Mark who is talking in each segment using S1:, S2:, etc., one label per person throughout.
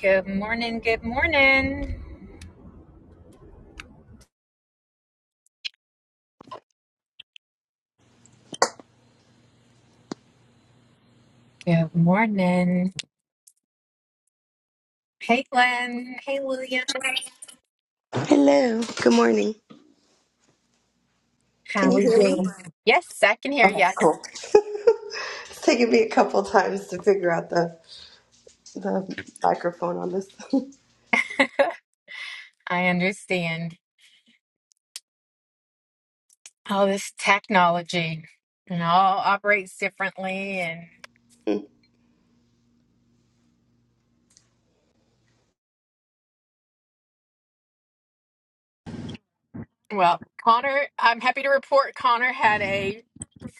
S1: Good morning. Good morning. Good morning. Hey, Glenn. Hey, William.
S2: Hello. Good morning. Can
S1: How
S2: you
S1: are
S2: hear me?
S1: you? Yes, I can hear
S2: Okay,
S1: you.
S2: cool. It's taken me a couple times to figure out the the microphone on this.
S1: I understand all this technology and all operates differently. And well, Connor, I'm happy to report Connor had a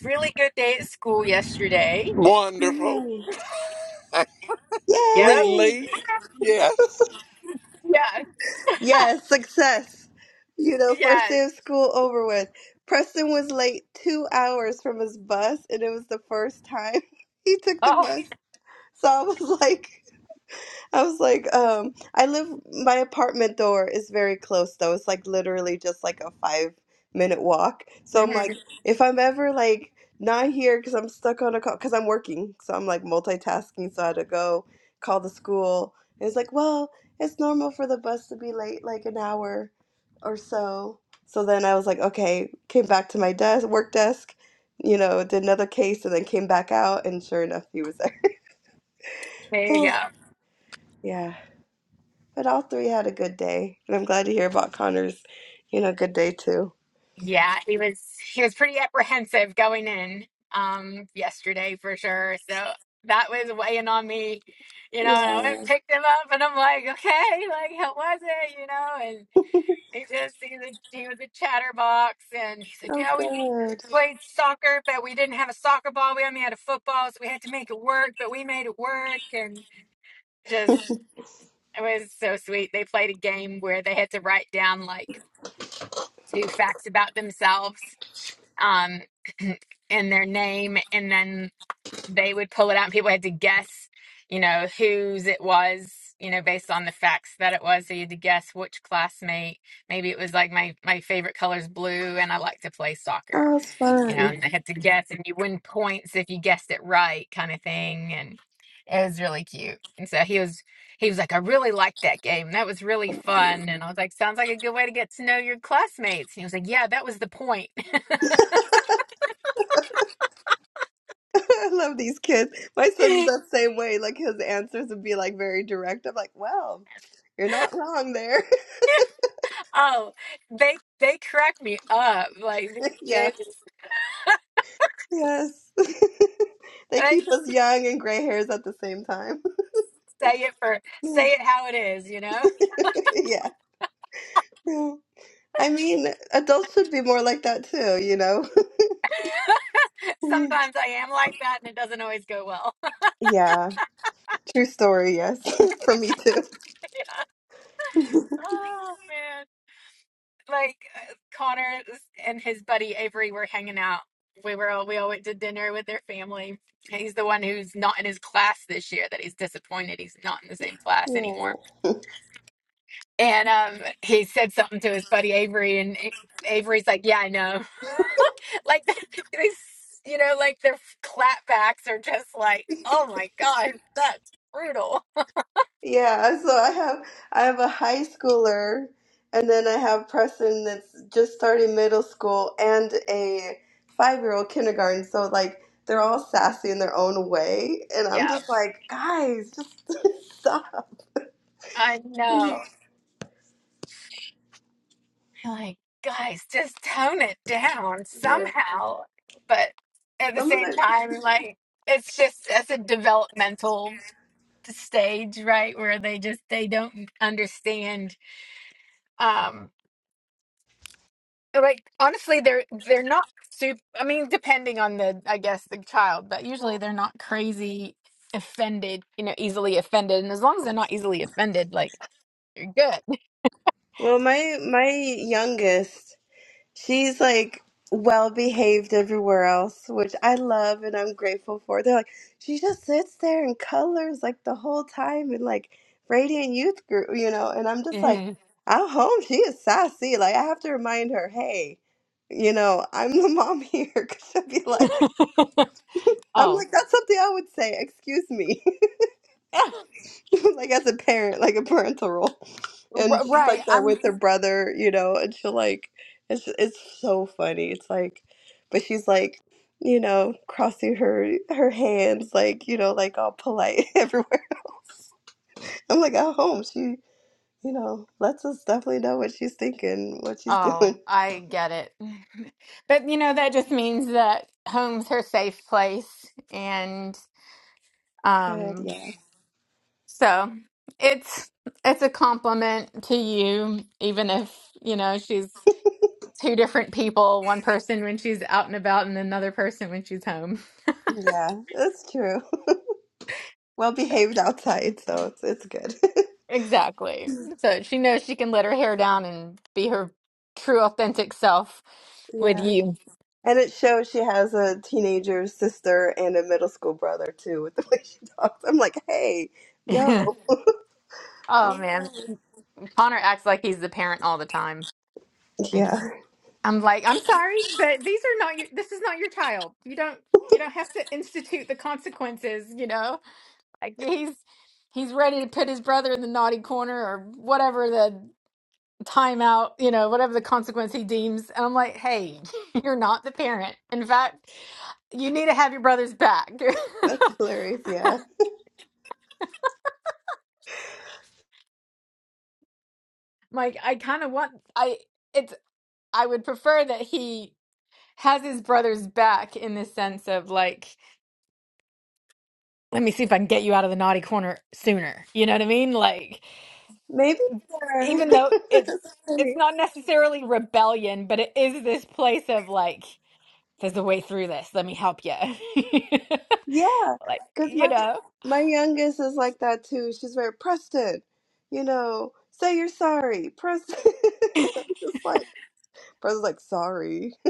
S1: really good day at school yesterday.
S3: Wonderful.
S2: Yay!
S1: Yep.
S2: Yay!
S3: Released. Yes.
S1: Yeah.
S2: Yes, success. You know, first
S1: Yes.
S2: day of school over with. Preston was late two hours from his bus, and it was the first time he took the
S1: Oh,
S2: bus. So I was like. I was like, um, I live, my apartment door is very close though. It's like literally just like a five minute walk. So I'm like,
S1: mhm.
S2: if I'm ever like not here because I'm stuck on a call, because I'm working. So I'm like multitasking. So I had to go call the school. And it's like, well, it's normal for the bus to be late like an hour or so. So then I was like, okay, came back to my desk, work desk, you know, did another case and then came back out. And sure enough, he was
S1: there you
S2: there.
S1: go.
S2: yeah. But all three had a good day, and I'm glad to hear about Connor's, you know, good day too.
S1: Yeah, he was he was pretty apprehensive going in um yesterday for sure. So that was weighing on me, you know, and I went and
S2: Yeah.
S1: picked him up and I'm like, okay, like how was it, you know? And he just he was a, he was a chatterbox and he's like,
S2: Oh,
S1: yeah, we
S2: good.
S1: played soccer, but we didn't have a soccer ball. We only had a football, so we had to make it work, but we made it work and just it was so sweet. They played a game where they had to write down like two facts about themselves um, and their name, and then they would pull it out, and people had to guess, you know, whose it was, you know, based on the facts that it was. So you had to guess which classmate. Maybe it was like my my favorite color is blue, and I like to play soccer,
S2: Oh, it's
S1: you know,
S2: fun.
S1: and they had to guess, and you win points if you guessed it right, kind of thing, and it was really cute. And so he was he was like, I really liked that game. That was really fun. And I was like, sounds like a good way to get to know your classmates. And he was like, yeah, that was the point.
S2: I love these kids. My son's the same way. Like his answers would be like very direct. I'm like, well, you're not wrong there.
S1: Oh, they they crack me up. Like these
S2: yeah.
S1: kids,
S2: Yes. they
S1: and I
S2: keep
S1: just
S2: us young and gray hairs at the same time.
S1: say it for say it how it is, you know?
S2: yeah. I mean, adults should be more like that too, you know?
S1: Sometimes I am like that and it doesn't always go well.
S2: yeah. True story. Yes. For me too.
S1: Yeah. Oh man. Like uh, Connor and his buddy Avery were hanging out. We were all, we all went to dinner with their family. He's the one who's not in his class this year that he's disappointed he's not in the same class anymore. And um he said something to his buddy Avery and A- Avery's like, "Yeah, I know." like these you know like their clapbacks are just like oh my god that's brutal
S2: Yeah, so I have I have a high schooler and then I have Preston that's just starting middle school and a five-year-old kindergarten. So like they're all sassy in their own way and I'm
S1: yeah
S2: just like, guys, just stop.
S1: i know like guys just tone it down
S2: Yeah.
S1: somehow but at the
S2: Some of
S1: same
S2: them
S1: time like it's just that's a developmental stage right where they just they don't understand um like honestly they're they're not super i mean depending on the i guess the child but usually they're not crazy offended you know easily offended and as long as they're not easily offended like you're good
S2: Well, my my youngest She's like well behaved everywhere else, which I love and I'm grateful for. They're like, she just sits there and colors like the whole time in like Radiant Youth Group, you know, and I'm just like,
S1: hmm
S2: I'm home. She is sassy. Like, I have to remind her, hey, you know, I'm the mom here. Cause she'll be like, I'm
S1: oh
S2: like, that's something I would say. Excuse me.
S1: yeah.
S2: like as a parent, like a parental role. And
S1: R-
S2: she's
S1: right
S2: like that
S1: i'm
S2: with her brother, you know, and she'll like it's it's so funny. It's like but she's like, you know, crossing her her hands like, you know, like all polite everywhere. I'm like at home she, you know, lets us definitely know what she's thinking, what she's doing.
S1: oh i get it but you know that just means that home's her safe place and
S2: Good,
S1: um
S2: yeah.
S1: so it's it's a compliment to you even if you know she's two different people, one person when she's out and about and another person when she's home.
S2: Yeah, that's true. Well
S1: Yeah.
S2: behaved outside, so it's it's good.
S1: Exactly. So she knows she can let her hair down and be her true authentic self with
S2: yeah.
S1: you.
S2: And it shows she has a teenager sister and a middle school brother too, with the way she talks. I'm like, hey, yo, calm
S1: Oh
S2: down.
S1: man, Connor acts like he's the parent all the time. Thanks.
S2: Yeah,
S1: I'm like, I'm sorry, but these are not your, this is not your child. You don't you don't have to institute the consequences, you know? Like he's he's ready to put his brother in the naughty corner or whatever the. time out, you know, whatever the consequence he deems. And I'm like, hey, you're not the parent. In fact, you need to have your brother's back.
S2: that's hilarious. Yeah,
S1: like, I kind of want, I, it's, I would prefer that he has his brother's back in the sense of like, let me see if I can get you out of the naughty corner sooner. You know what I mean? Like,
S2: maybe there.
S1: even though it's,
S2: that's
S1: it's
S2: funny.
S1: not necessarily rebellion, but it is this place of like, there's a way through this. Let me help you.
S2: Yeah,
S1: like,
S2: because
S1: you
S2: my
S1: know.
S2: my youngest is like that too. She's very Preston, you know, say you're sorry, Preston. I'm Just like Preston's like sorry.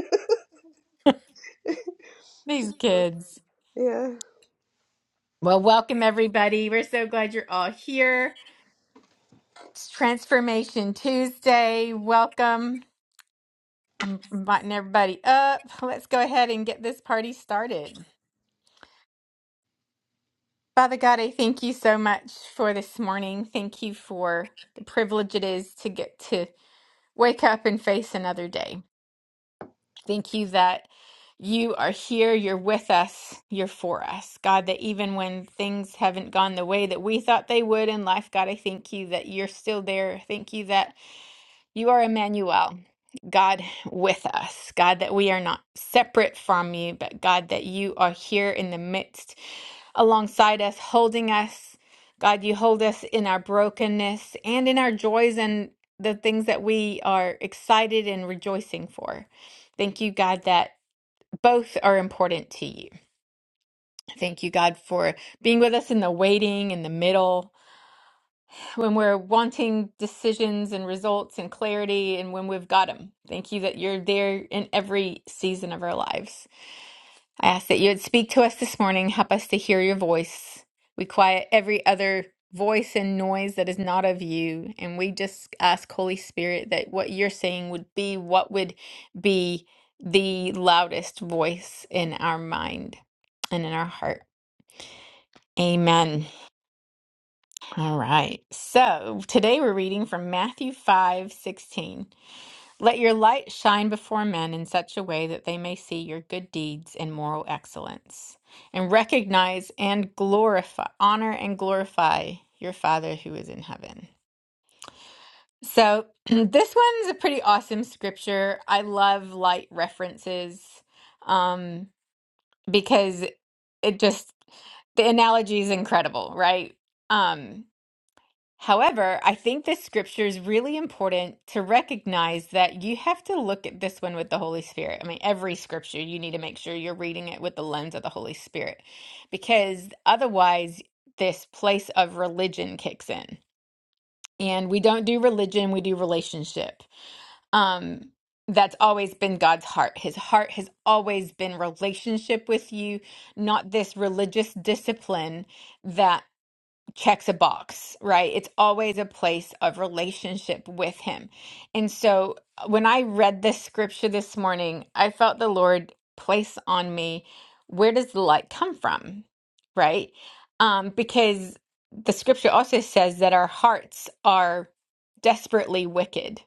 S1: These kids.
S2: Yeah.
S1: Well, welcome everybody. We're so glad you're all here. It's Transformation Tuesday. Welcome. I'm inviting everybody up. Let's go ahead and get this party started. Father God, I thank you so much for this morning. Thank you for the privilege it is to get to wake up and face another day. Thank you that you are here, you're with us, you're for us. God, that even when things haven't gone the way that we thought they would in life, God, I thank you that you're still there. Thank you that you are Emmanuel, God with us, God that we are not separate from you, but God that you are here in the midst, alongside us, holding us. God, you hold us in our brokenness and in our joys and the things that we are excited and rejoicing for. Thank you, God, that both are important to you. Thank you, God, for being with us in the waiting, in the middle when we're wanting decisions and results and clarity and when we've got them. Thank you that you're there in every season of our lives. I ask that you would speak to us this morning, help us to hear your voice. We quiet every other voice and noise that is not of you. And we just ask, Holy Spirit, that what you're saying would be what would be the loudest voice in our mind and in our heart. Amen. All right. So today we're reading from Matthew 5 16. Let your light shine before men in such a way that they may see your good deeds and moral excellence, and recognize and glorify, honor and glorify your Father who is in heaven. So this one's a pretty awesome scripture. I love light references um, because it just, the analogy is incredible, right? Um, However, I think this scripture is really important to recognize that you have to look at this one with the Holy Spirit. I mean, every scripture, you need to make sure you're reading it with the lens of the Holy Spirit because otherwise, this place of religion kicks in. And we don't do religion, we do relationship. Um, that's always been God's heart. His heart has always been relationship with you, not this religious discipline that check the box, right? It's always a place of relationship with Him. And so uh, when I read this scripture this morning, I felt the Lord place on me where does the light come from, right? Um, because the scripture also says that our hearts are desperately wicked,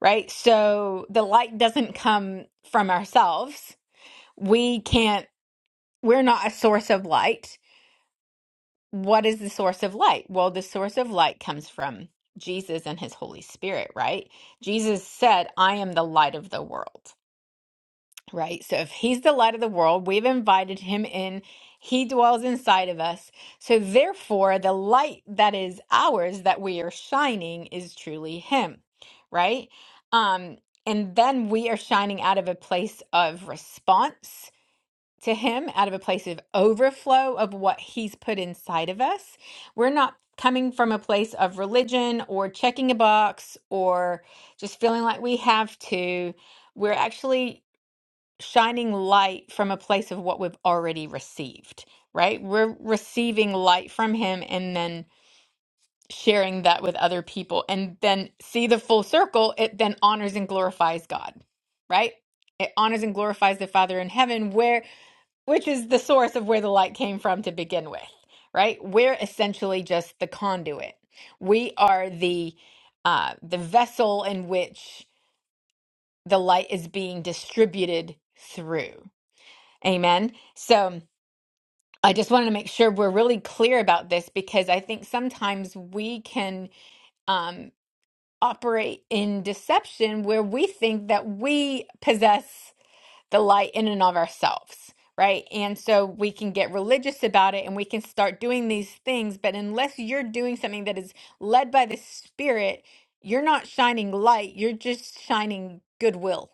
S1: right? So the light doesn't come from ourselves. We can't, we're not a source of light what is the source of light? Well, the source of light comes from Jesus and his Holy Spirit, right? Jesus said, I am the light of the world, right? So if he's the light of the world, we've invited him in. He dwells inside of us. So therefore, the light that is ours that we are shining is truly him, right? Um, and then we are shining out of a place of response to Him out of a place of overflow of what He's put inside of us. We're not coming from a place of religion or checking a box or just feeling like we have to. We're actually shining light from a place of what we've already received, right? We're receiving light from Him and then sharing that with other people and then see the full circle. It then honors and glorifies God, right? It honors and glorifies the Father in heaven, where which is the source of where the light came from to begin with, right? We're essentially just the conduit. We are the uh, the vessel in which the light is being distributed through. Amen. So I just wanted to make sure we're really clear about this because I think sometimes we can um, operate in deception where we think that we possess the light in and of ourselves, right? And so we can get religious about it and we can start doing these things. But unless you're doing something that is led by the Spirit, you're not shining light, you're just shining goodwill,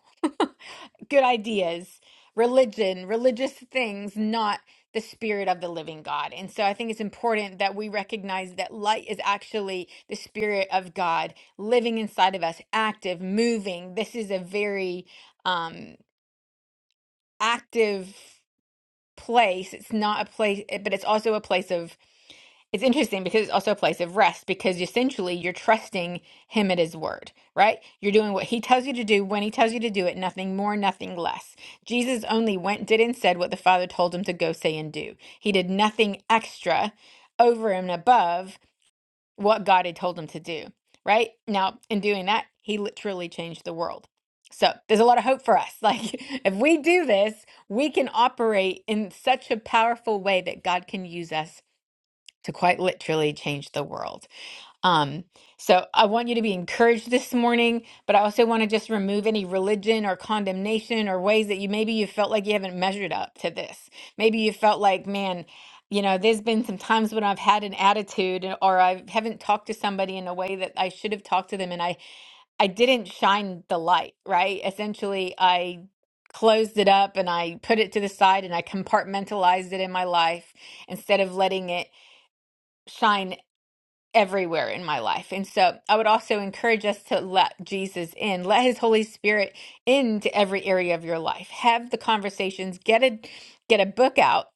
S1: good ideas, religion, religious things, not the spirit of the living God. And so I think it's important that we recognize that light is actually the spirit of God living inside of us, active, moving. This is a very um active place. It's not a place, eh, but it's also a place of, it's interesting because it's also a place of rest because essentially you're trusting him at his word, right? You're doing what he tells you to do when he tells you to do it, nothing more, nothing less. Jesus only went, did, and said what the Father told him to go say and do. He did nothing extra over and above what God had told him to do, right? Now, in doing that, he literally changed the world. So, there's a lot of hope for us. Like, if we do this, we can operate in such a powerful way that God can use us to quite literally change the world. Um, so I want you to be encouraged this morning, but I also want to just remove any religion or condemnation or ways that you maybe you felt like you haven't measured up to this. Maybe you felt like, man, you know, there's been some times when I've had an attitude and- or I haven't talked to somebody in a way that I should have talked to them and I I didn't shine the light, right? Essentially, I closed it up and I put it to the side and I compartmentalized it in my life instead of letting it shine everywhere in my life. And so I would also encourage us to let Jesus in, let his Holy Spirit into every area of your life. Have the conversations, get a get a book out,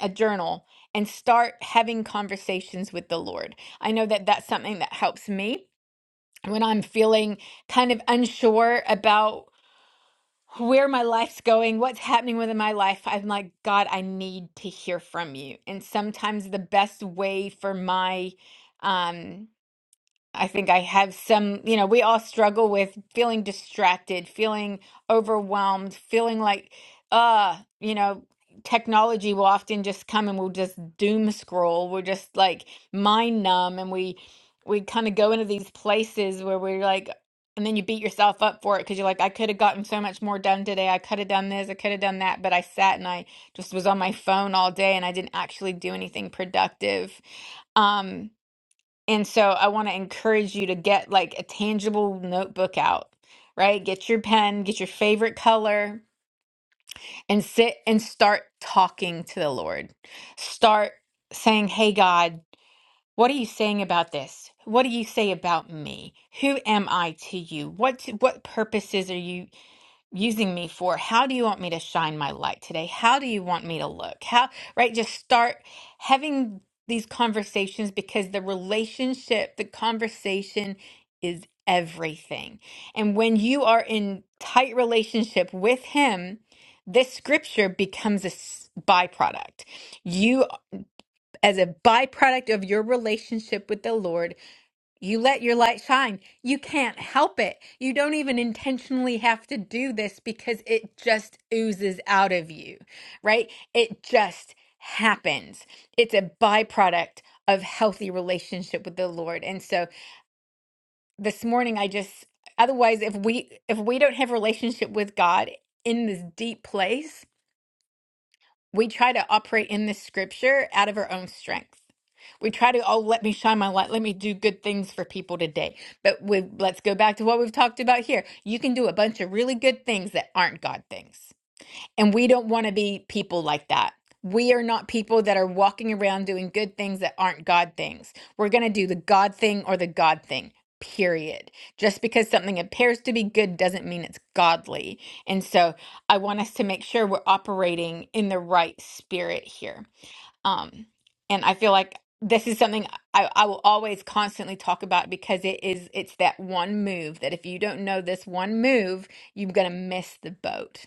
S1: a journal, and start having conversations with the Lord. I know that that's something that helps me when I'm feeling kind of unsure about where my life's going, what's happening within my life. I'm like, God, I need to hear from you. And sometimes the best way for my um I think I have some, you know, we all struggle with feeling distracted, feeling overwhelmed, feeling like, uh, you know, technology will often just come and we'll just doom scroll. We're just like mind numb and we we kind of go into these places where we're like and then you beat yourself up for it because you're like, I could have gotten so much more done today. I could have done this, I could have done that, but I sat and I just was on my phone all day and I didn't actually do anything productive. Um. And so I want to encourage you to get like a tangible notebook out, right? Get your pen, get your favorite color, and sit and start talking to the Lord. Start saying, Hey, God, what are you saying about this? What do you say about me? Who am I to you? What what purposes are you using me for how do you want me to shine my light today how do you want me to look how right just start having these conversations because the relationship the conversation is everything and when you are in tight relationship with him this scripture becomes a s- byproduct you as a byproduct of your relationship with the lord you let your light shine. You can't help it. You don't even intentionally have to do this because it just oozes out of you, right? It just happens. It's a byproduct of healthy relationship with the Lord. And so this morning I just otherwise if we if we don't have relationship with God in this deep place, we try to operate in this scripture out of our own strength we try to oh let me shine my light let me do good things for people today but with let's go back to what we've talked about here you can do a bunch of really good things that aren't god things and we don't want to be people like that we are not people that are walking around doing good things that aren't god things we're going to do the god thing or the god thing period just because something appears to be good doesn't mean it's godly and so i want us to make sure we're operating in the right spirit here um, and I feel like this is something I, I will always constantly talk about because it is it's that one move that if you don't know this one move, you're gonna miss the boat.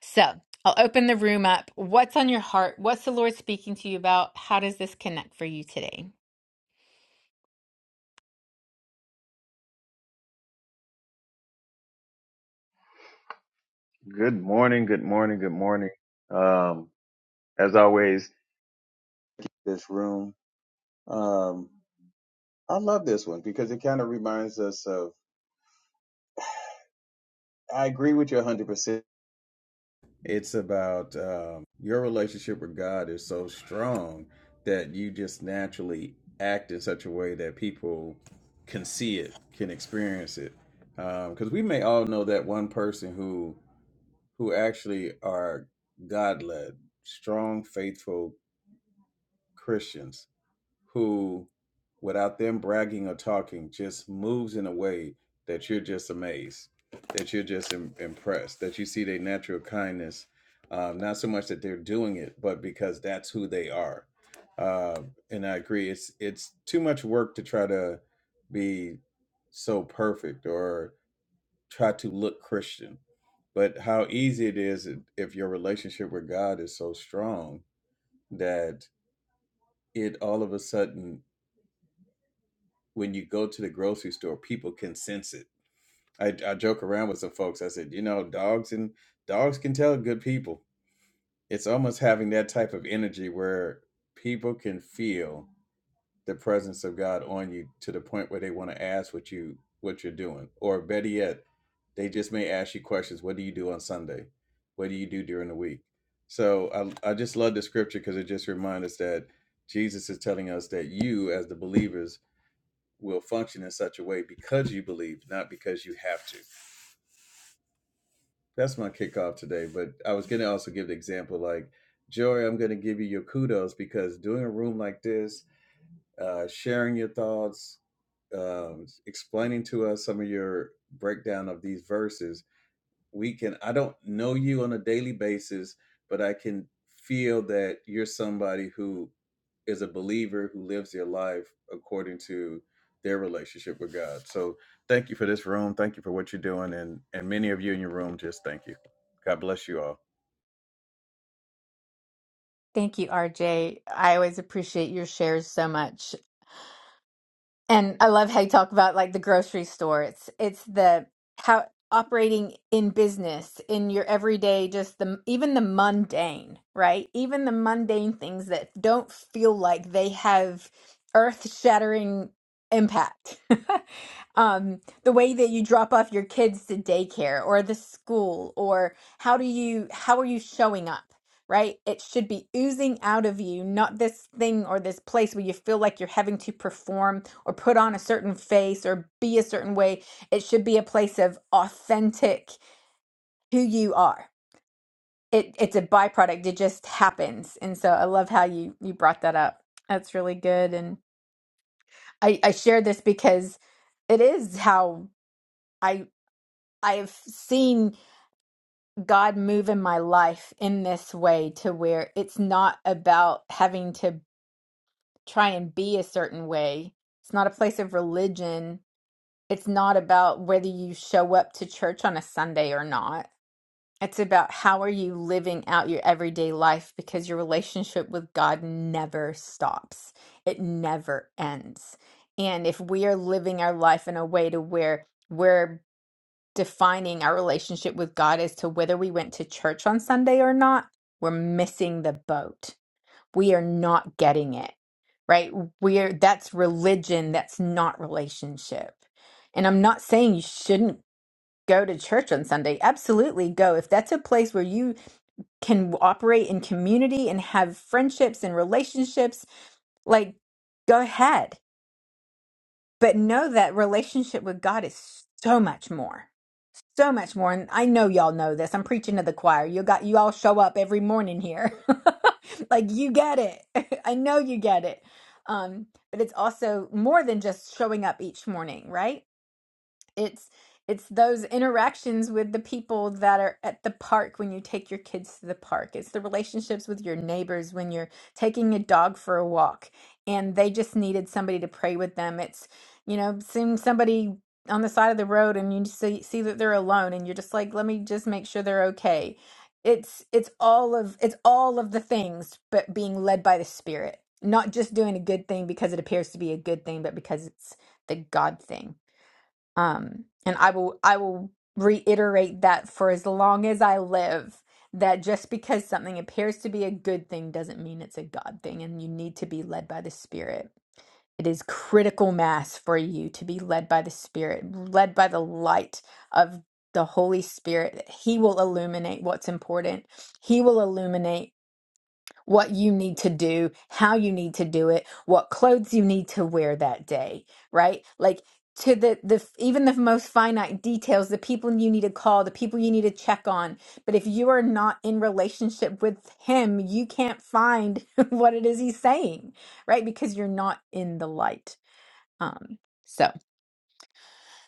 S1: So I'll open the room up. What's on your heart? What's the Lord speaking to you about? How does this connect for you today?
S4: Good morning, good morning, good morning. Um, as always, this room. Um, I love this one because it kind of reminds us of. I agree with you 100%. It's about um, your relationship with God is so strong that you just naturally act in such a way that people can see it, can experience it. Because we may all know that one person who who actually are God led, strong, faithful Christians who, without them bragging or talking, just moves in a way that you're just amazed, that you're just im- impressed, that you see their natural kindness, uh, not so much that they're doing it, but because that's who they are. Uh, and I agree, it's it's too much work to try to be so perfect or try to look Christian. But how easy it is if your relationship with God is so strong that it all of a sudden when you go to the grocery store, people can sense it. I, I joke around with some folks. I said, you know, dogs and dogs can tell good people. It's almost having that type of energy where people can feel the presence of God on you to the point where they want to ask what you what you're doing, or better yet, they just may ask you questions. What do you do on Sunday? What do you do during the week? So I I just love the scripture because it just reminds us that Jesus is telling us that you as the believers will function in such a way because you believe, not because you have to. That's my kickoff today. But I was going to also give the example like, Joy, I'm going to give you your kudos because doing a room like this, uh, sharing your thoughts, um, explaining to us some of your breakdown of these verses we can i don't know you on a daily basis but i can feel that you're somebody who is a believer who lives their life according to their relationship with god so thank you for this room thank you for what you're doing and and many of you in your room just thank you god bless you all
S1: Thank you, RJ. I always appreciate your shares so much. And I love how you talk about like the grocery store. It's it's the how operating in business in your everyday, just the even the mundane, right? Even the mundane things that don't feel like they have earth-shattering impact. Um, the way that you drop off your kids to daycare or the school, or how do you how are you showing up? right? It should be oozing out of you, not this thing or this place where you feel like you're having to perform or put on a certain face or be a certain way. It should be a place of authentic who you are. It, it's a byproduct. It just happens. And so I love how you, you brought that up. That's really good. And I, I share this because it is how I I have seen God move in my life in this way to where it's not about having to try and be a certain way. It's not a place of religion It's not about whether you show up to church on a Sunday or not. It's about how are you living out your everyday life because your relationship with God never stops. It never ends. And if we are living our life in a way to where we're defining our relationship with God as to whether we went to church on Sunday or not, we're missing the boat we are not getting it right we're that's religion that's not relationship and i'm not saying you shouldn't go to church on sunday absolutely go if that's a place where you can operate in community and have friendships and relationships like go ahead but know that relationship with god is so much more so much more and i know y'all know this i'm preaching to the choir you got you all show up every morning here like you get it i know you get it um but it's also more than just showing up each morning right it's it's those interactions with the people that are at the park when you take your kids to the park it's the relationships with your neighbors when you're taking a dog for a walk and they just needed somebody to pray with them it's you know seeing somebody on the side of the road and you see see that they're alone and you're just like let me just make sure they're okay it's it's all of it's all of the things but being led by the spirit not just doing a good thing because it appears to be a good thing but because it's the god thing um and i will i will reiterate that for as long as i live that just because something appears to be a good thing doesn't mean it's a god thing and you need to be led by the spirit it is critical mass for you to be led by the spirit led by the light of the holy spirit he will illuminate what's important he will illuminate what you need to do, how you need to do it, what clothes you need to wear that day, right? Like to the the even the most finite details, the people you need to call, the people you need to check on. But if you are not in relationship with him, you can't find what it is he's saying, right? Because you're not in the light. Um so,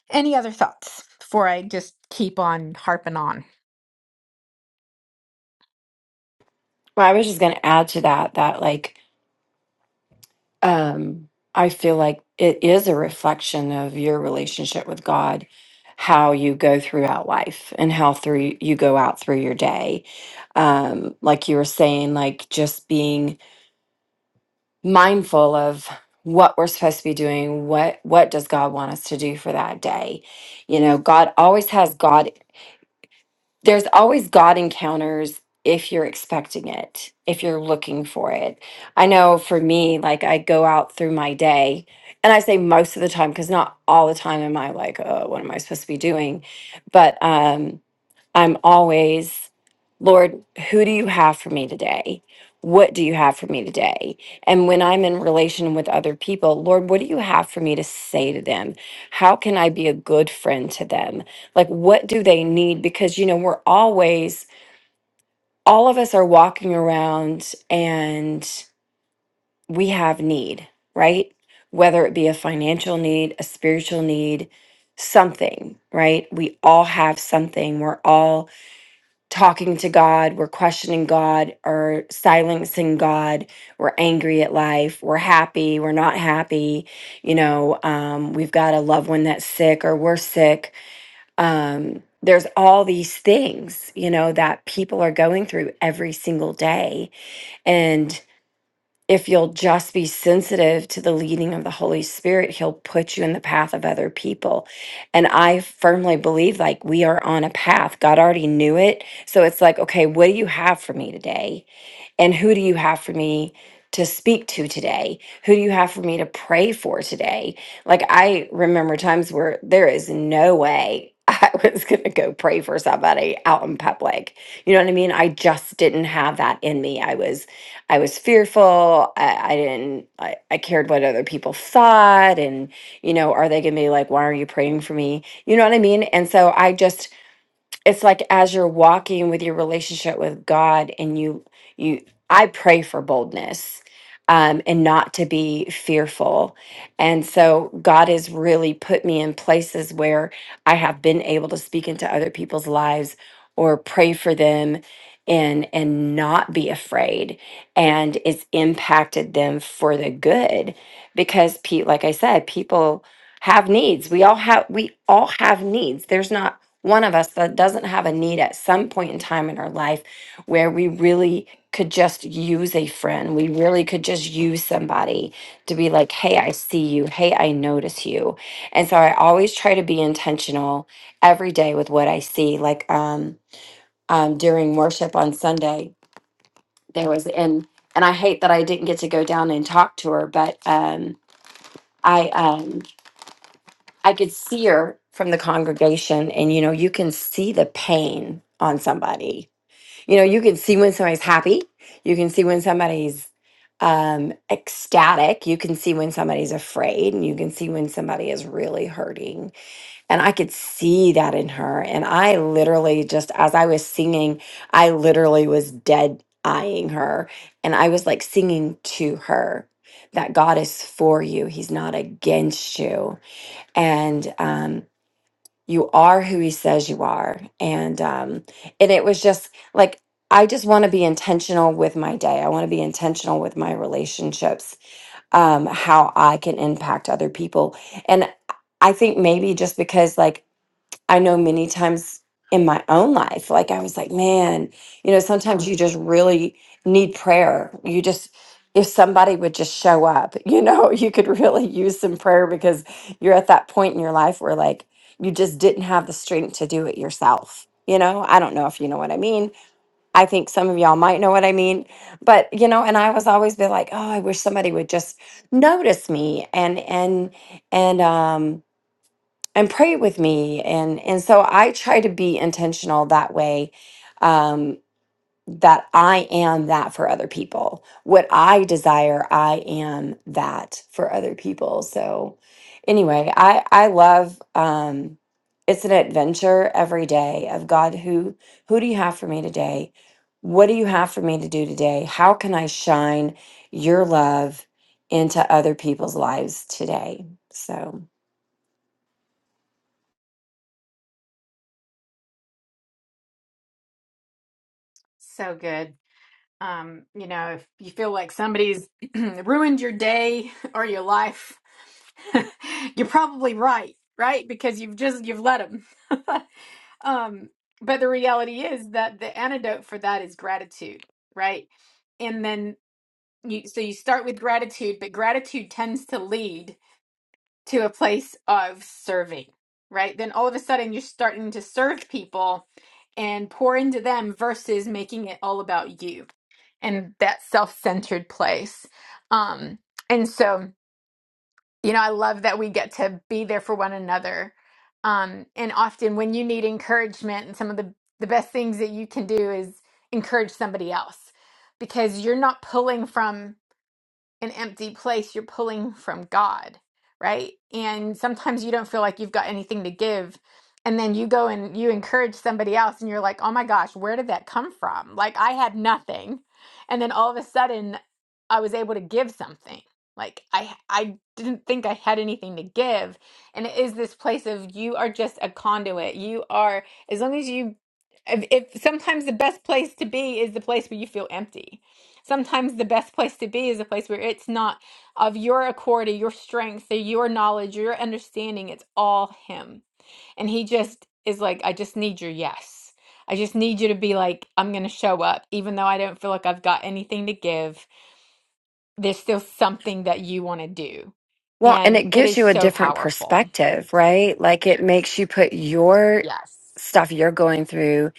S1: any other thoughts before I just keep on harping on?
S5: Well, I was just going to add to that that like um I feel like it is a reflection of your relationship with God how you go throughout life and how through you go out through your day. Um like you were saying like just being mindful of what we're supposed to be doing, what what does God want us to do for that day? You know, God always has God there's always God encounters if you're expecting it, if you're looking for it. I know for me, like I go out through my day, and I say most of the time because not all the time am I like, oh, what am I supposed to be doing? But um, I'm always, Lord, who do you have for me today? What do you have for me today? And when I'm in relation with other people, Lord, what do you have for me to say to them? How can I be a good friend to them? Like, what do they need? Because, you know, we're always, all of us are walking around and we have need, right? Whether it be a financial need, a spiritual need, something, right? We all have something. We're all talking to God, we're questioning God or silencing God, we're angry at life, we're happy, we're not happy, you know, um, we've got a loved one that's sick or we're sick. Um, there's all these things, you know, that people are going through every single day. And if you'll just be sensitive to the leading of the Holy Spirit, He'll put you in the path of other people. And I firmly believe like we are on a path. God already knew it. So it's like, okay, what do you have for me today? And who do you have for me to speak to today? Who do you have for me to pray for today? Like, I remember times where there is no way I was going to go pray for somebody out in public. You know what I mean? I just didn't have that in me. I was, I was fearful. I, I didn't, I, I cared what other people thought. And, you know, are they going to be like, why are you praying for me? You know what I mean? And so I just, it's like as you're walking with your relationship with God and you you I pray for boldness um and not to be fearful. And so God has really put me in places where I have been able to speak into other people's lives or pray for them and and not be afraid and it's impacted them for the good because Pete like I said people have needs. We all have we all have needs. There's not one of us that doesn't have a need at some point in time in our life where we really could just use a friend. We really could just use somebody to be like, hey, I see you. Hey, I notice you. And so I always try to be intentional every day with what I see. Like um, um, during worship on Sunday, there was, and, and I hate that I didn't get to go down and talk to her, but um, I, um, I could see her from the congregation, and you know, you can see the pain on somebody. You know, you can see when somebody's happy, you can see when somebody's um, ecstatic, you can see when somebody's afraid, and you can see when somebody is really hurting. And I could see that in her. And I literally just, as I was singing, I literally was dead eyeing her, and I was like singing to her. That God is for you. He's not against you and um, you are who he says you are and um, and it was just like i just want to be intentional with my day i want to be intentional with my relationships um, how i can impact other people and i think maybe just because like I know many times in my own life, like I was like, man, you know, sometimes you just really need prayer. You just, if somebody would just show up, you know, you could really use some prayer because you're at that point in your life where like you just didn't have the strength to do it yourself. You know, I don't know if you know what I mean. I think some of y'all might know what I mean, but you know, and I was always be like, oh, I wish somebody would just notice me and and and um and pray with me and and so i try to be intentional that way um that i am that for other people what i desire i am that for other people so anyway i i love um it's an adventure every day of god who who do you have for me today what do you have for me to do today how can i shine your love into other people's lives today so
S1: So good. Um, you know, if you feel like somebody's ruined your day or your life, you're probably right, right? Because you've just you've let them. um, but the reality is that the antidote for that is gratitude, right? And then you so you start with gratitude, but gratitude tends to lead to a place of serving, right? Then all of a sudden you're starting to serve people and pour into them versus making it all about you and that self-centered place um and so you know i love that we get to be there for one another um and often when you need encouragement and some of the the best things that you can do is encourage somebody else because you're not pulling from an empty place, you're pulling from God, right? And sometimes you don't feel like you've got anything to give. And then you go and you encourage somebody else, and you're like, oh my gosh, where did that come from? Like, I had nothing. And then all of a sudden, I was able to give something. Like, I, I didn't think I had anything to give. And it is this place of you are just a conduit. You are, as long as you, if, if sometimes the best place to be is the place where you feel empty Sometimes the best place to be is a place where it's not of your accord or your strength or your knowledge or your understanding. It's all Him. And He just is like, I just need your yes. I just need you to be like, I'm going to show up. Even though I don't feel like I've got anything to give, there's still something that you want to do.
S5: Well, and
S1: And
S5: it
S1: it
S5: gives
S1: is
S5: you a
S1: so
S5: different
S1: powerful.
S5: perspective, right? Like it makes you put your
S1: Yes.
S5: stuff you're going through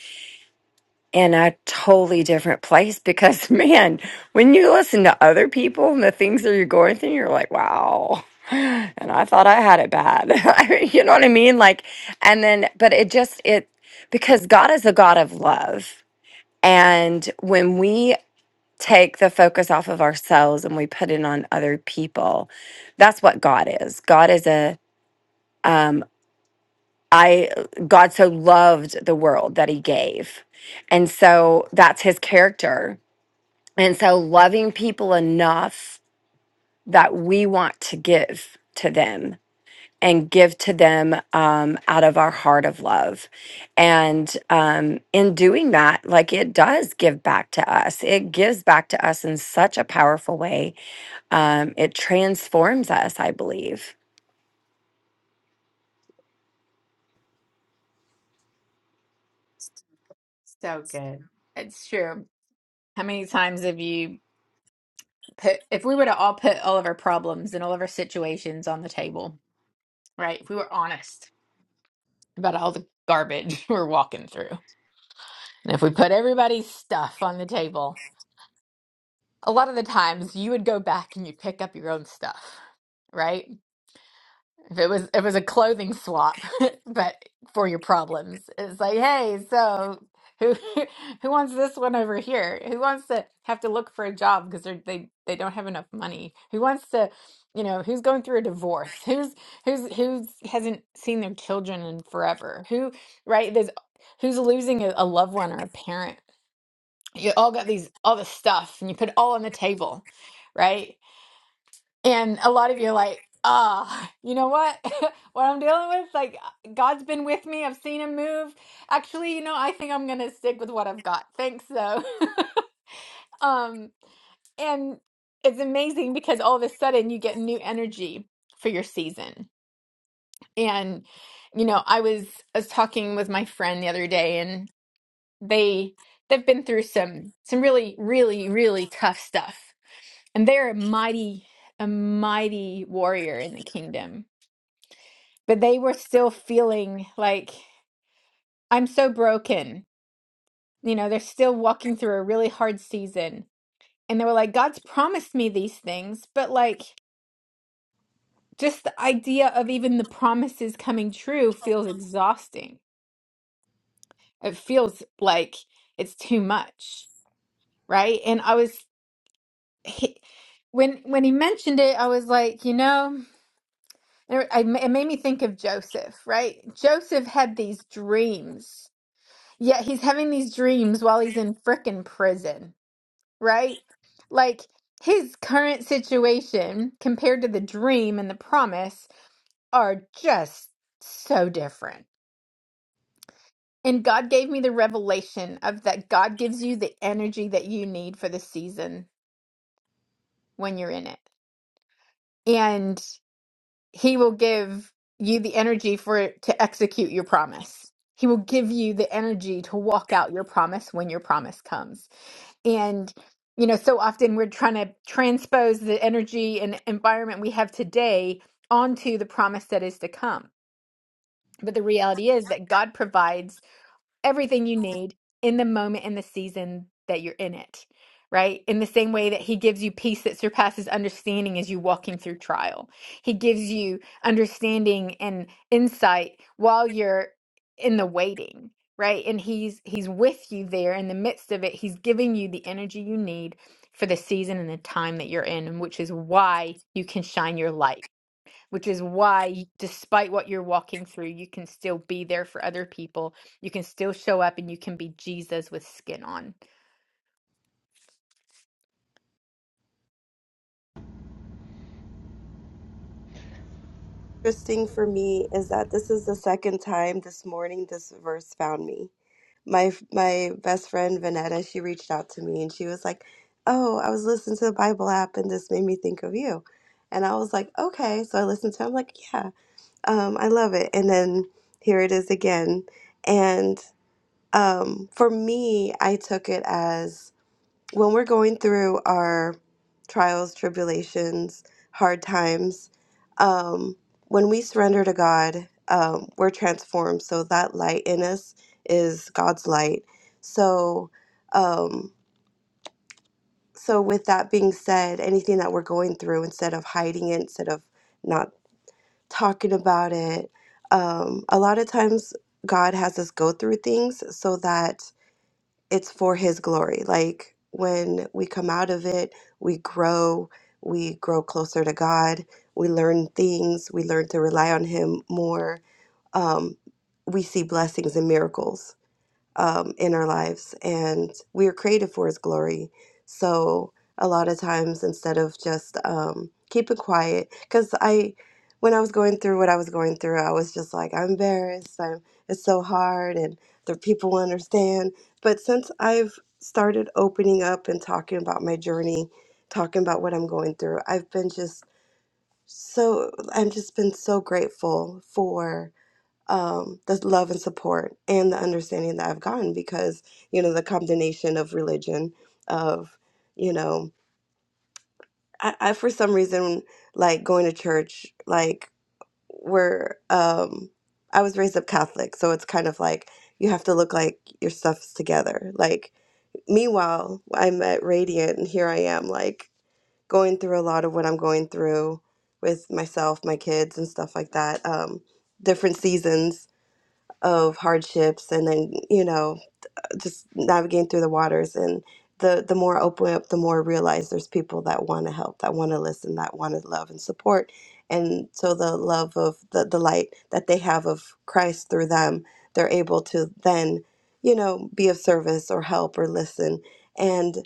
S5: in a totally different place because, man, when you listen to other people and the things that you're going through, you're like, wow. And I thought I had it bad. I mean, you know what I mean? Like, and then, but it just, it, because God is a God of love. And when we take the focus off of ourselves and we put it on other people, that's what God is. God is a um, I God so loved the world that He gave, and so that's His character. And so loving people enough that we want to give to them and give to them um, out of our heart of love. And um, in doing that, like it does give back to us. It gives back to us in such a powerful way. Um, it transforms us, I believe.
S1: So good. It's true. How many times have you put, if we were to all put all of our problems and all of our situations on the table? right? If we were honest about all the garbage we're walking through, and if we put everybody's stuff on the table, a lot of the times you would go back and you'd pick up your own stuff, right? If it was if it was a clothing swap, but for your problems, it's like, hey, so who who wants this one over here? Who wants to have to look for a job because they they they don't have enough money? Who wants to, you know, who's going through a divorce? Who's who's who's hasn't seen their children in forever? Who right? There's who's losing a, a loved one or a parent. You all got these all this stuff, and you put it all on the table, right? And a lot of you are like, ah, you know what? what I'm dealing with? Like, God's been with me. I've seen him move. Actually, you know, I think I'm going to stick with what I've got. Thanks, though. um, and it's amazing because all of a sudden you get new energy for your season. And, you know, I was, I was talking with my friend the other day they they've been through some some really really really tough stuff and they're a mighty a mighty warrior in the kingdom but they were still feeling like i'm so broken you know they're still walking through a really hard season and they were like god's promised me these things but like just the idea of even the promises coming true feels exhausting it feels like it's too much right and i was he, when when he mentioned it, I was like, you know, it, I, it made me think of Joseph, right? Joseph had these dreams, yet he's having these dreams while he's in frickin' prison, right? Like his current situation compared to the dream and the promise are just so different. And God gave me the revelation of that God gives you the energy that you need for the season when you're in it. and. he will give you the energy for it to execute your promise. He will give you the energy to walk out your promise when your promise comes. And you know, so often we're trying to transpose the energy and environment we have today onto the promise that is to come. But the reality is that God provides everything you need in the moment and the season that you're in it, right? In the same way that He gives you peace that surpasses understanding as you walking through trial. He gives you understanding and insight while you're in the waiting, right? And He's He's with you there in the midst of it. He's giving you the energy you need for the season and the time that you're in, and which is why you can shine your light which is why despite what you're walking through you can still be there for other people you can still show up and you can be jesus with skin on
S2: Interesting for me is that this is the second time this morning this verse found me. my my best friend Vanetta, she reached out to me and she was like, "Oh, I was listening to the Bible app and this made me think of you." And I was like, "Okay." So I listened to it. I'm like, "Yeah, um, I love it." And then here it is again. And um, for me, I took it as when we're going through our trials, tribulations, hard times, um, when we surrender to God, um, we're transformed. So that light in us is God's light. So, um, so with that being said, anything that we're going through, instead of hiding it, instead of not talking about it, um, a lot of times God has us go through things so that it's for his glory. Like when we come out of it, we grow, we grow closer to God, we learn things, we learn to rely on him more. Um, we see blessings and miracles um, in our lives, and we are created for His glory. So a lot of times, instead of just um, keeping quiet, because I, when I was going through what I was going through, I was just like, I'm embarrassed. I'm it's so hard, and the people will understand. But since I've started opening up and talking about my journey, talking about what I'm going through, I've been just so I've just been so grateful for um, the love and support and the understanding that I've gotten because, you know, the combination of religion, of, you know, I, I for some reason like going to church, like where um, I was raised up Catholic. So it's kind of like you have to look like your stuff's together. Like, meanwhile, I'm at Radiant and here I am, like going through a lot of what I'm going through with myself, my kids, and stuff like that. Um, different seasons of hardships and then you know just navigating through the waters and the the more I open up the more I realize there's people that want to help that want to listen that want to love and support and so the love of the, the light that they have of christ through them they're able to then you know be of service or help or listen and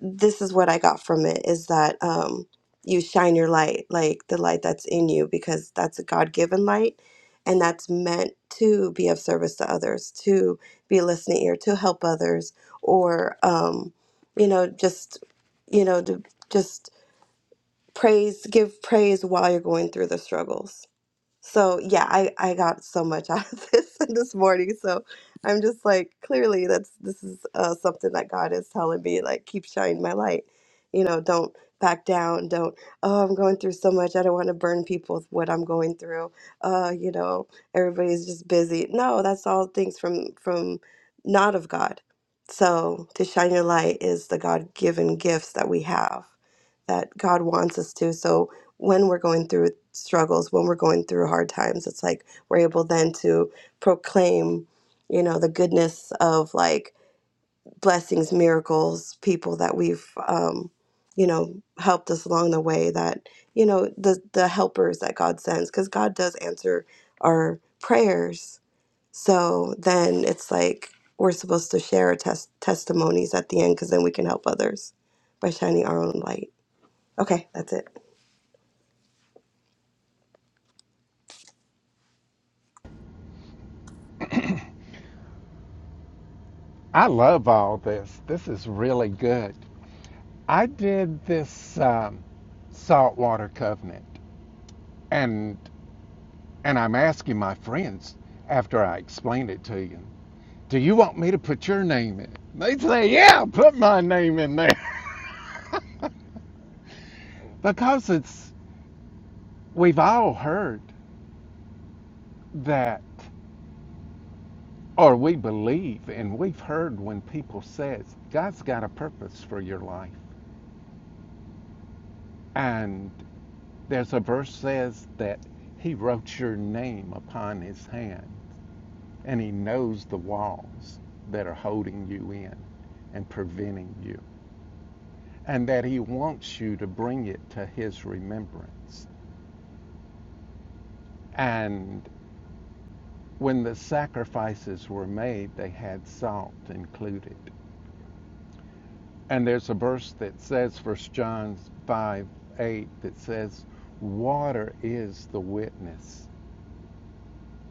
S2: this is what I got from it is that um, you shine your light, like the light that's in you, because that's a God given light. And that's meant to be of service to others, to be a listening ear, to help others, or, um, you know, just, you know, to just praise, give praise while you're going through the struggles. So yeah, I I got so much out of this this morning. So I'm just like, clearly that's this is uh, something that God is telling me, like keep shining my light. You know, don't back down. Don't oh, I'm going through so much. I don't want to burn people with what I'm going through. Uh, you know, everybody's just busy. No, that's all things from from not of God. So to shine your light is the God-given gifts that we have, that God wants us to. So when we're going through struggles, when we're going through hard times, it's like we're able then to proclaim, you know, the goodness of like blessings, miracles, people that we've, um, you know, helped us along the way. That you know, the the helpers that God sends, because God does answer our prayers. So then it's like we're supposed to share our tes- testimonies at the end, because then we can help others by shining our own light. Okay, that's it.
S3: I love all this. This is really good. I did this um, saltwater covenant, and and I'm asking my friends after I explain it to you, do you want me to put your name in? it?" They say, yeah, put my name in there, because it's we've all heard that, or we believe, and we've heard when people says God's got a purpose for your life. And there's a verse says that he wrote your name upon his hand and he knows the walls that are holding you in and preventing you and that he wants you to bring it to his remembrance. And when the sacrifices were made, they had salt included. And there's a verse that says, First John 5 8, that says, Water is the witness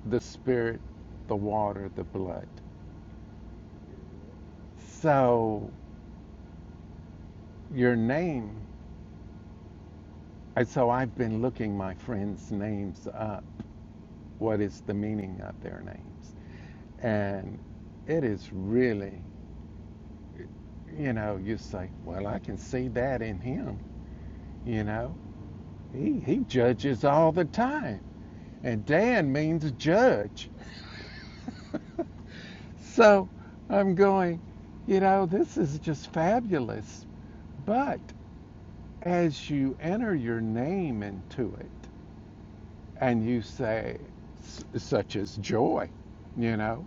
S3: the spirit, the water, the blood. So your name, and so I've been looking my friends' names up. What is the meaning of their names? And it is really, you know, you say, well, I can see that in him. You know, he, he judges all the time. And Dan means judge. So I'm going, you know, this is just fabulous. But As you enter your name into it and you say such as joy, you know,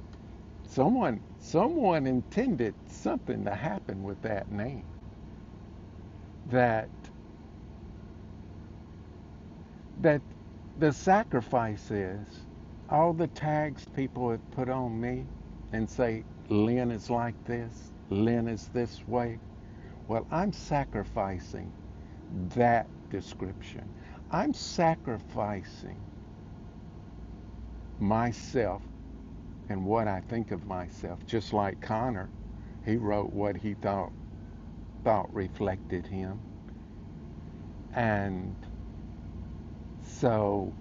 S3: someone someone intended something to happen with that name. That that the sacrifice is all the tags people have put on me and say Lynn is like this, Lynn is this way. Well, I'm sacrificing that description. I'm sacrificing myself and what I think of myself. Just like Connor, he wrote what he thought thought reflected him. And so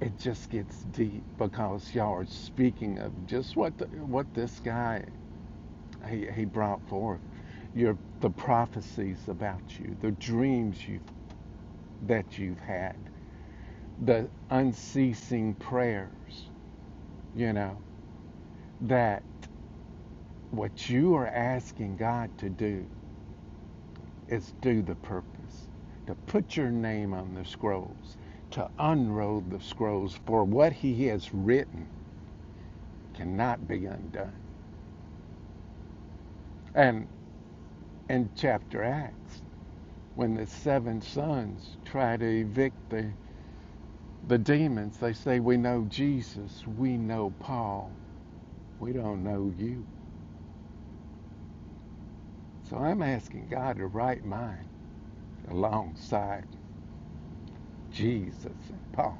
S3: it just gets deep because y'all are speaking of just what the, what this guy he, he brought forth. Your the prophecies about you, the dreams you that you've had, the unceasing prayers, you know, that what you are asking God to do It's do the purpose, to put your name on the scrolls, to unroll the scrolls, for what he has written cannot be undone. And in chapter Acts, when the seven sons try to evict the, the demons, they say, We know Jesus, we know Paul, we don't know you. So I'm asking God to write mine alongside Jesus and Paul,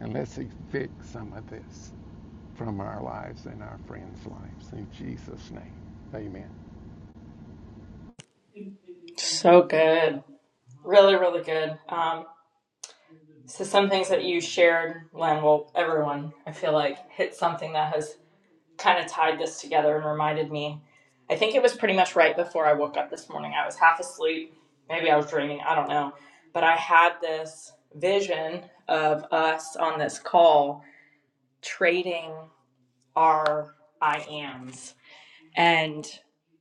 S3: and let's evict some of this. from our lives and our friends' lives. In Jesus' name, amen.
S6: So good. Really, really good. Um, so some things that you shared, Len, well, everyone, I feel like hit something that has kind of tied this together and reminded me. I think it was pretty much right before I woke up this morning. I was half asleep. Maybe I was dreaming. I don't know. But I had this vision of us on this call trading our I ams and,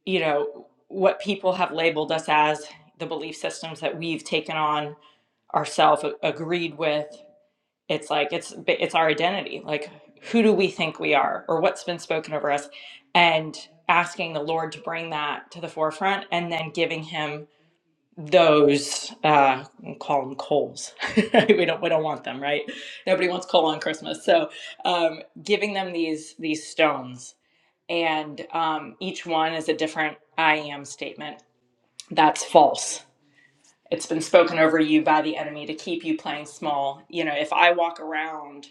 S6: you know, what people have labeled us as the belief systems that we've taken on ourself agreed with it's like it's it's our identity like who do we think we are or what's been spoken over us and asking the lord to bring that to the forefront and then giving him those uh we'll call them coals we don't we don't want them right nobody wants coal on christmas so um giving them these these stones and um each one is a different i am statement that's false it's been spoken over you by the enemy to keep you playing small. You know, if I walk around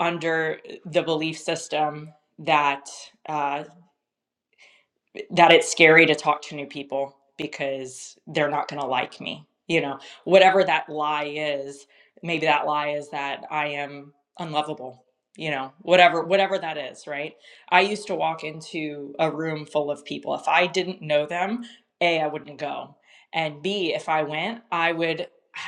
S6: under the belief system that uh, that it's scary to talk to new people because they're not going to like me, you know, whatever that lie is, maybe that lie is that I am unlovable. You know, whatever whatever that is, right? I used to walk into a room full of people. If I didn't know them, A, I wouldn't go. And B, if I went, I would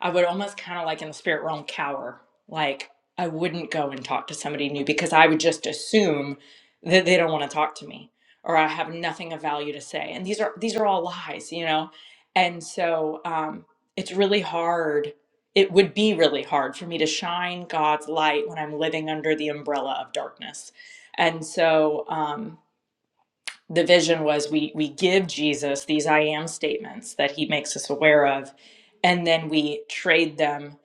S6: I would almost kind of like in the spirit realm cower. Like I wouldn't go and talk to somebody new because I would just assume that they don't want to talk to me or I have nothing of value to say. And these are these are all lies, you know. And so um, it's really hard. It would be really hard for me to shine God's light when I'm living under the umbrella of darkness. And so um, the vision was we we give Jesus these I am statements that he makes us aware of, and then we trade them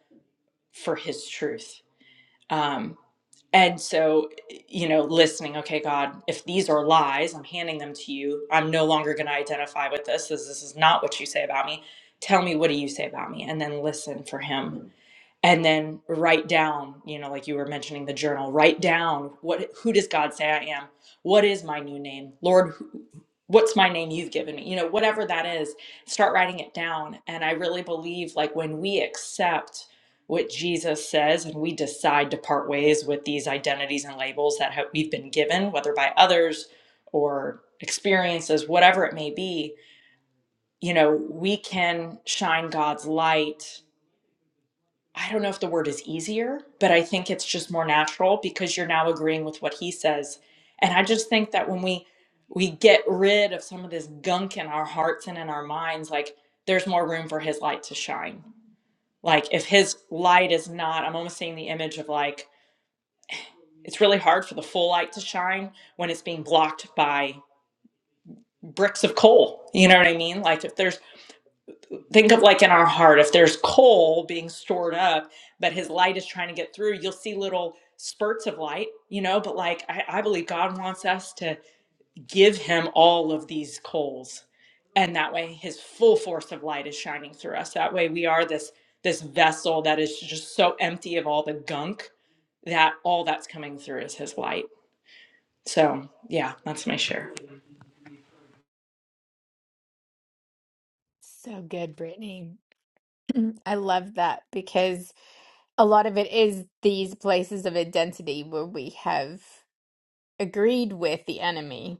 S6: for his truth. Um, and so, you know, listening, okay, God, if these are lies, I'm handing them to you. I'm no longer going to identify with this. This, this is not what you say about me. Tell me, what do you say about me? And then listen for him and then write down you know like you were mentioning the journal write down what who does god say i am what is my new name lord who, what's my name you've given me you know whatever that is start writing it down and i really believe like when we accept what jesus says and we decide to part ways with these identities and labels that have, we've been given whether by others or experiences whatever it may be you know we can shine god's light I don't know if the word is easier, but I think it's just more natural because you're now agreeing with what he says. And I just think that when we we get rid of some of this gunk in our hearts and in our minds, like there's more room for his light to shine. Like if his light is not, I'm almost seeing the image of like it's really hard for the full light to shine when it's being blocked by bricks of coal. You know what I mean? Like if there's think of like in our heart if there's coal being stored up but his light is trying to get through you'll see little spurts of light you know but like i, I believe god wants us to give him all of these coals and that way his full force of light is shining through us that way we are this this vessel that is just so empty of all the gunk that all that's coming through is his light so yeah that's my share
S1: so good brittany i love that because a lot of it is these places of identity where we have agreed with the enemy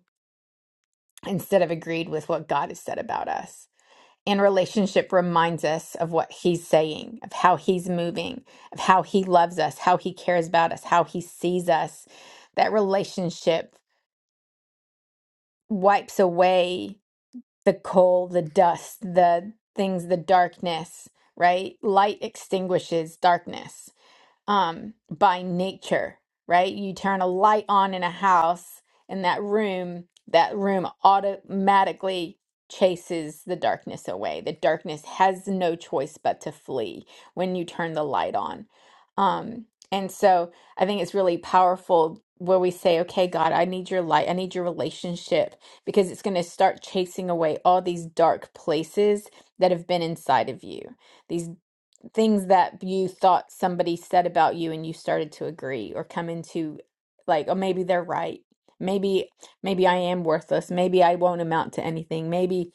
S1: instead of agreed with what god has said about us and relationship reminds us of what he's saying, of how he's moving, of how he loves us, how he cares about us, how he sees us. That relationship wipes away the coal, the dust, the things, the darkness, right? Light extinguishes darkness um, by nature, right? You turn a light on in a house, and that room, that room automatically chases the darkness away. The darkness has no choice but to flee when you turn the light on. Um, and so I think it's really powerful where we say, okay, God, I need your light, I need your relationship, because it's going to start chasing away all these dark places that have been inside of you These." things that you thought somebody said about you and you started to agree or come into like oh maybe they're right maybe maybe i am worthless maybe i won't amount to anything maybe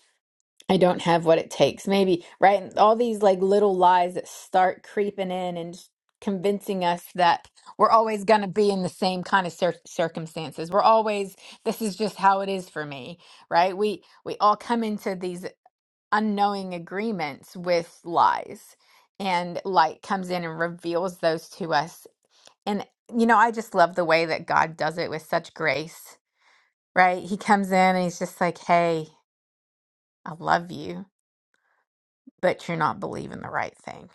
S1: i don't have what it takes maybe right and all these like little lies that start creeping in and just convincing us that we're always going to be in the same kind of cir- circumstances we're always this is just how it is for me right we we all come into these unknowing agreements with lies and light comes in and reveals those to us and you know i just love the way that god does it with such grace right he comes in and he's just like hey i love you but you're not believing the right thing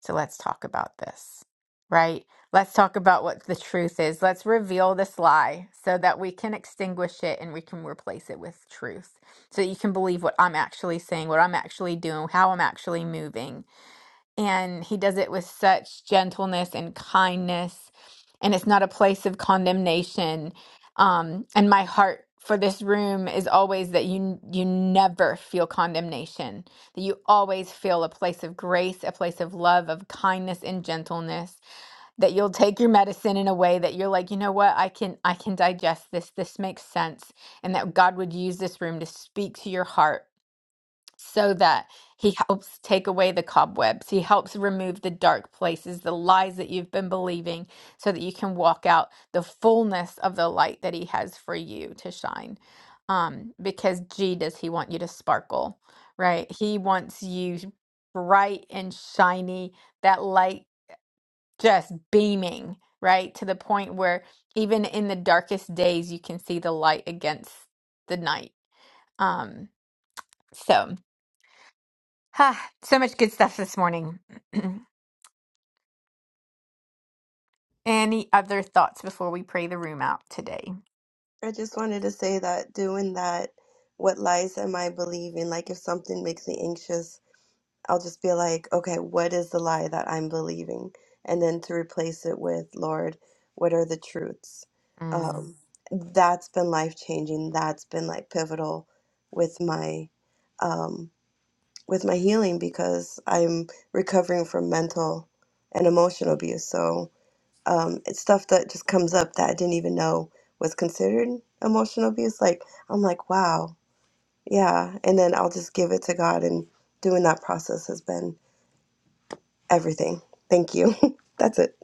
S1: so let's talk about this right let's talk about what the truth is let's reveal this lie so that we can extinguish it and we can replace it with truth so that you can believe what i'm actually saying what i'm actually doing how i'm actually moving and he does it with such gentleness and kindness and it's not a place of condemnation um and my heart for this room is always that you you never feel condemnation that you always feel a place of grace a place of love of kindness and gentleness that you'll take your medicine in a way that you're like you know what I can I can digest this this makes sense and that God would use this room to speak to your heart so that he helps take away the cobwebs. He helps remove the dark places, the lies that you've been believing, so that you can walk out the fullness of the light that he has for you to shine. Um, because gee, does he want you to sparkle, right? He wants you bright and shiny, that light just beaming, right? To the point where even in the darkest days, you can see the light against the night. Um, so. Ah, so much good stuff this morning. Any other thoughts before we pray the room out today?
S2: I just wanted to say that doing that, what lies am I believing? Like, if something makes me anxious, I'll just be like, okay, what is the lie that I'm believing? And then to replace it with, Lord, what are the truths?
S1: Mm,
S2: Um, that's been life changing. That's been like pivotal with my um, with my healing because I'm recovering from mental and emotional abuse. So um, it's stuff that just comes up that I didn't even know was considered emotional abuse. Like, I'm like, wow, yeah. And then I'll just give it to God, and doing that process has been everything. Thank you. That's it.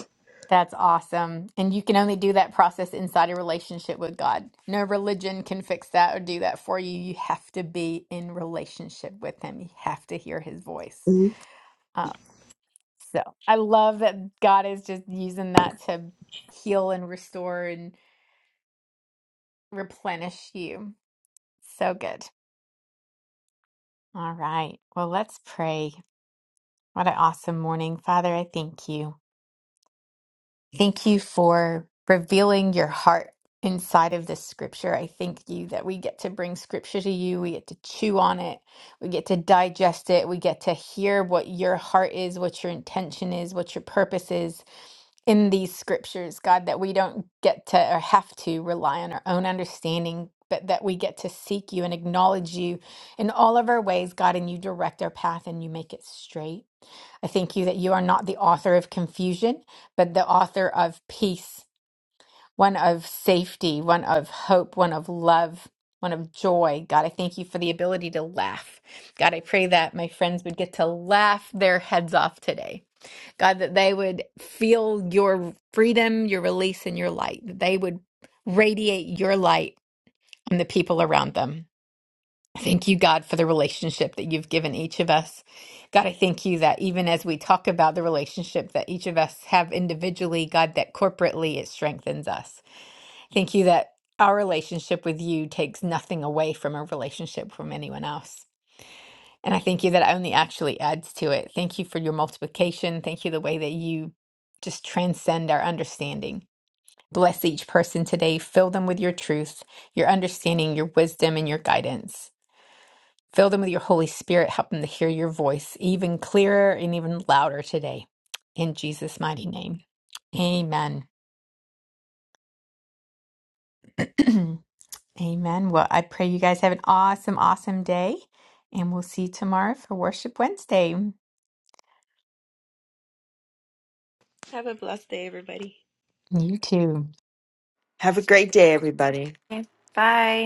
S1: that's awesome. And you can only do that process inside a relationship with God. No religion can fix that or do that for you. You have to be in relationship with Him, you have to hear His voice.
S2: Mhm.
S1: Um, So I love that God is just using that to heal and restore and replenish you. So good. All right. Well, let's pray. What an awesome morning. Father, I thank you. Thank you for revealing your heart inside of this scripture. I thank you that we get to bring scripture to you. We get to chew on it. We get to digest it. We get to hear what your heart is, what your intention is, what your purpose is in these scriptures, God, that we don't get to or have to rely on our own understanding. But that we get to seek you and acknowledge you in all of our ways, God, and you direct our path and you make it straight. I thank you that you are not the author of confusion but the author of peace, one of safety, one of hope, one of love, one of joy. God, I thank you for the ability to laugh. God, I pray that my friends would get to laugh their heads off today. God, that they would feel your freedom, your release, and your light, that they would radiate your light on the people around them. I thank you, God, for the relationship that you've given each of us. God, I thank you that even as we talk about the relationship that each of us have individually, God, that corporately it strengthens us. Thank you that our relationship with you takes nothing away from our relationship from anyone else. And I thank you that only actually adds to it. Thank you for your multiplication. Thank you the way that you just transcend our understanding. Bless each person today. Fill them with your truth, your understanding, your wisdom, and your guidance. Fill them with your Holy Spirit. Help them to hear your voice even clearer and even louder today. In Jesus' mighty name. Amen. Amen. Well, I pray you guys have an awesome, awesome day. And we'll see you tomorrow for Worship Wednesday.
S2: Have a blessed day, everybody.
S1: You too.
S7: Have a great day, everybody.
S5: Bye.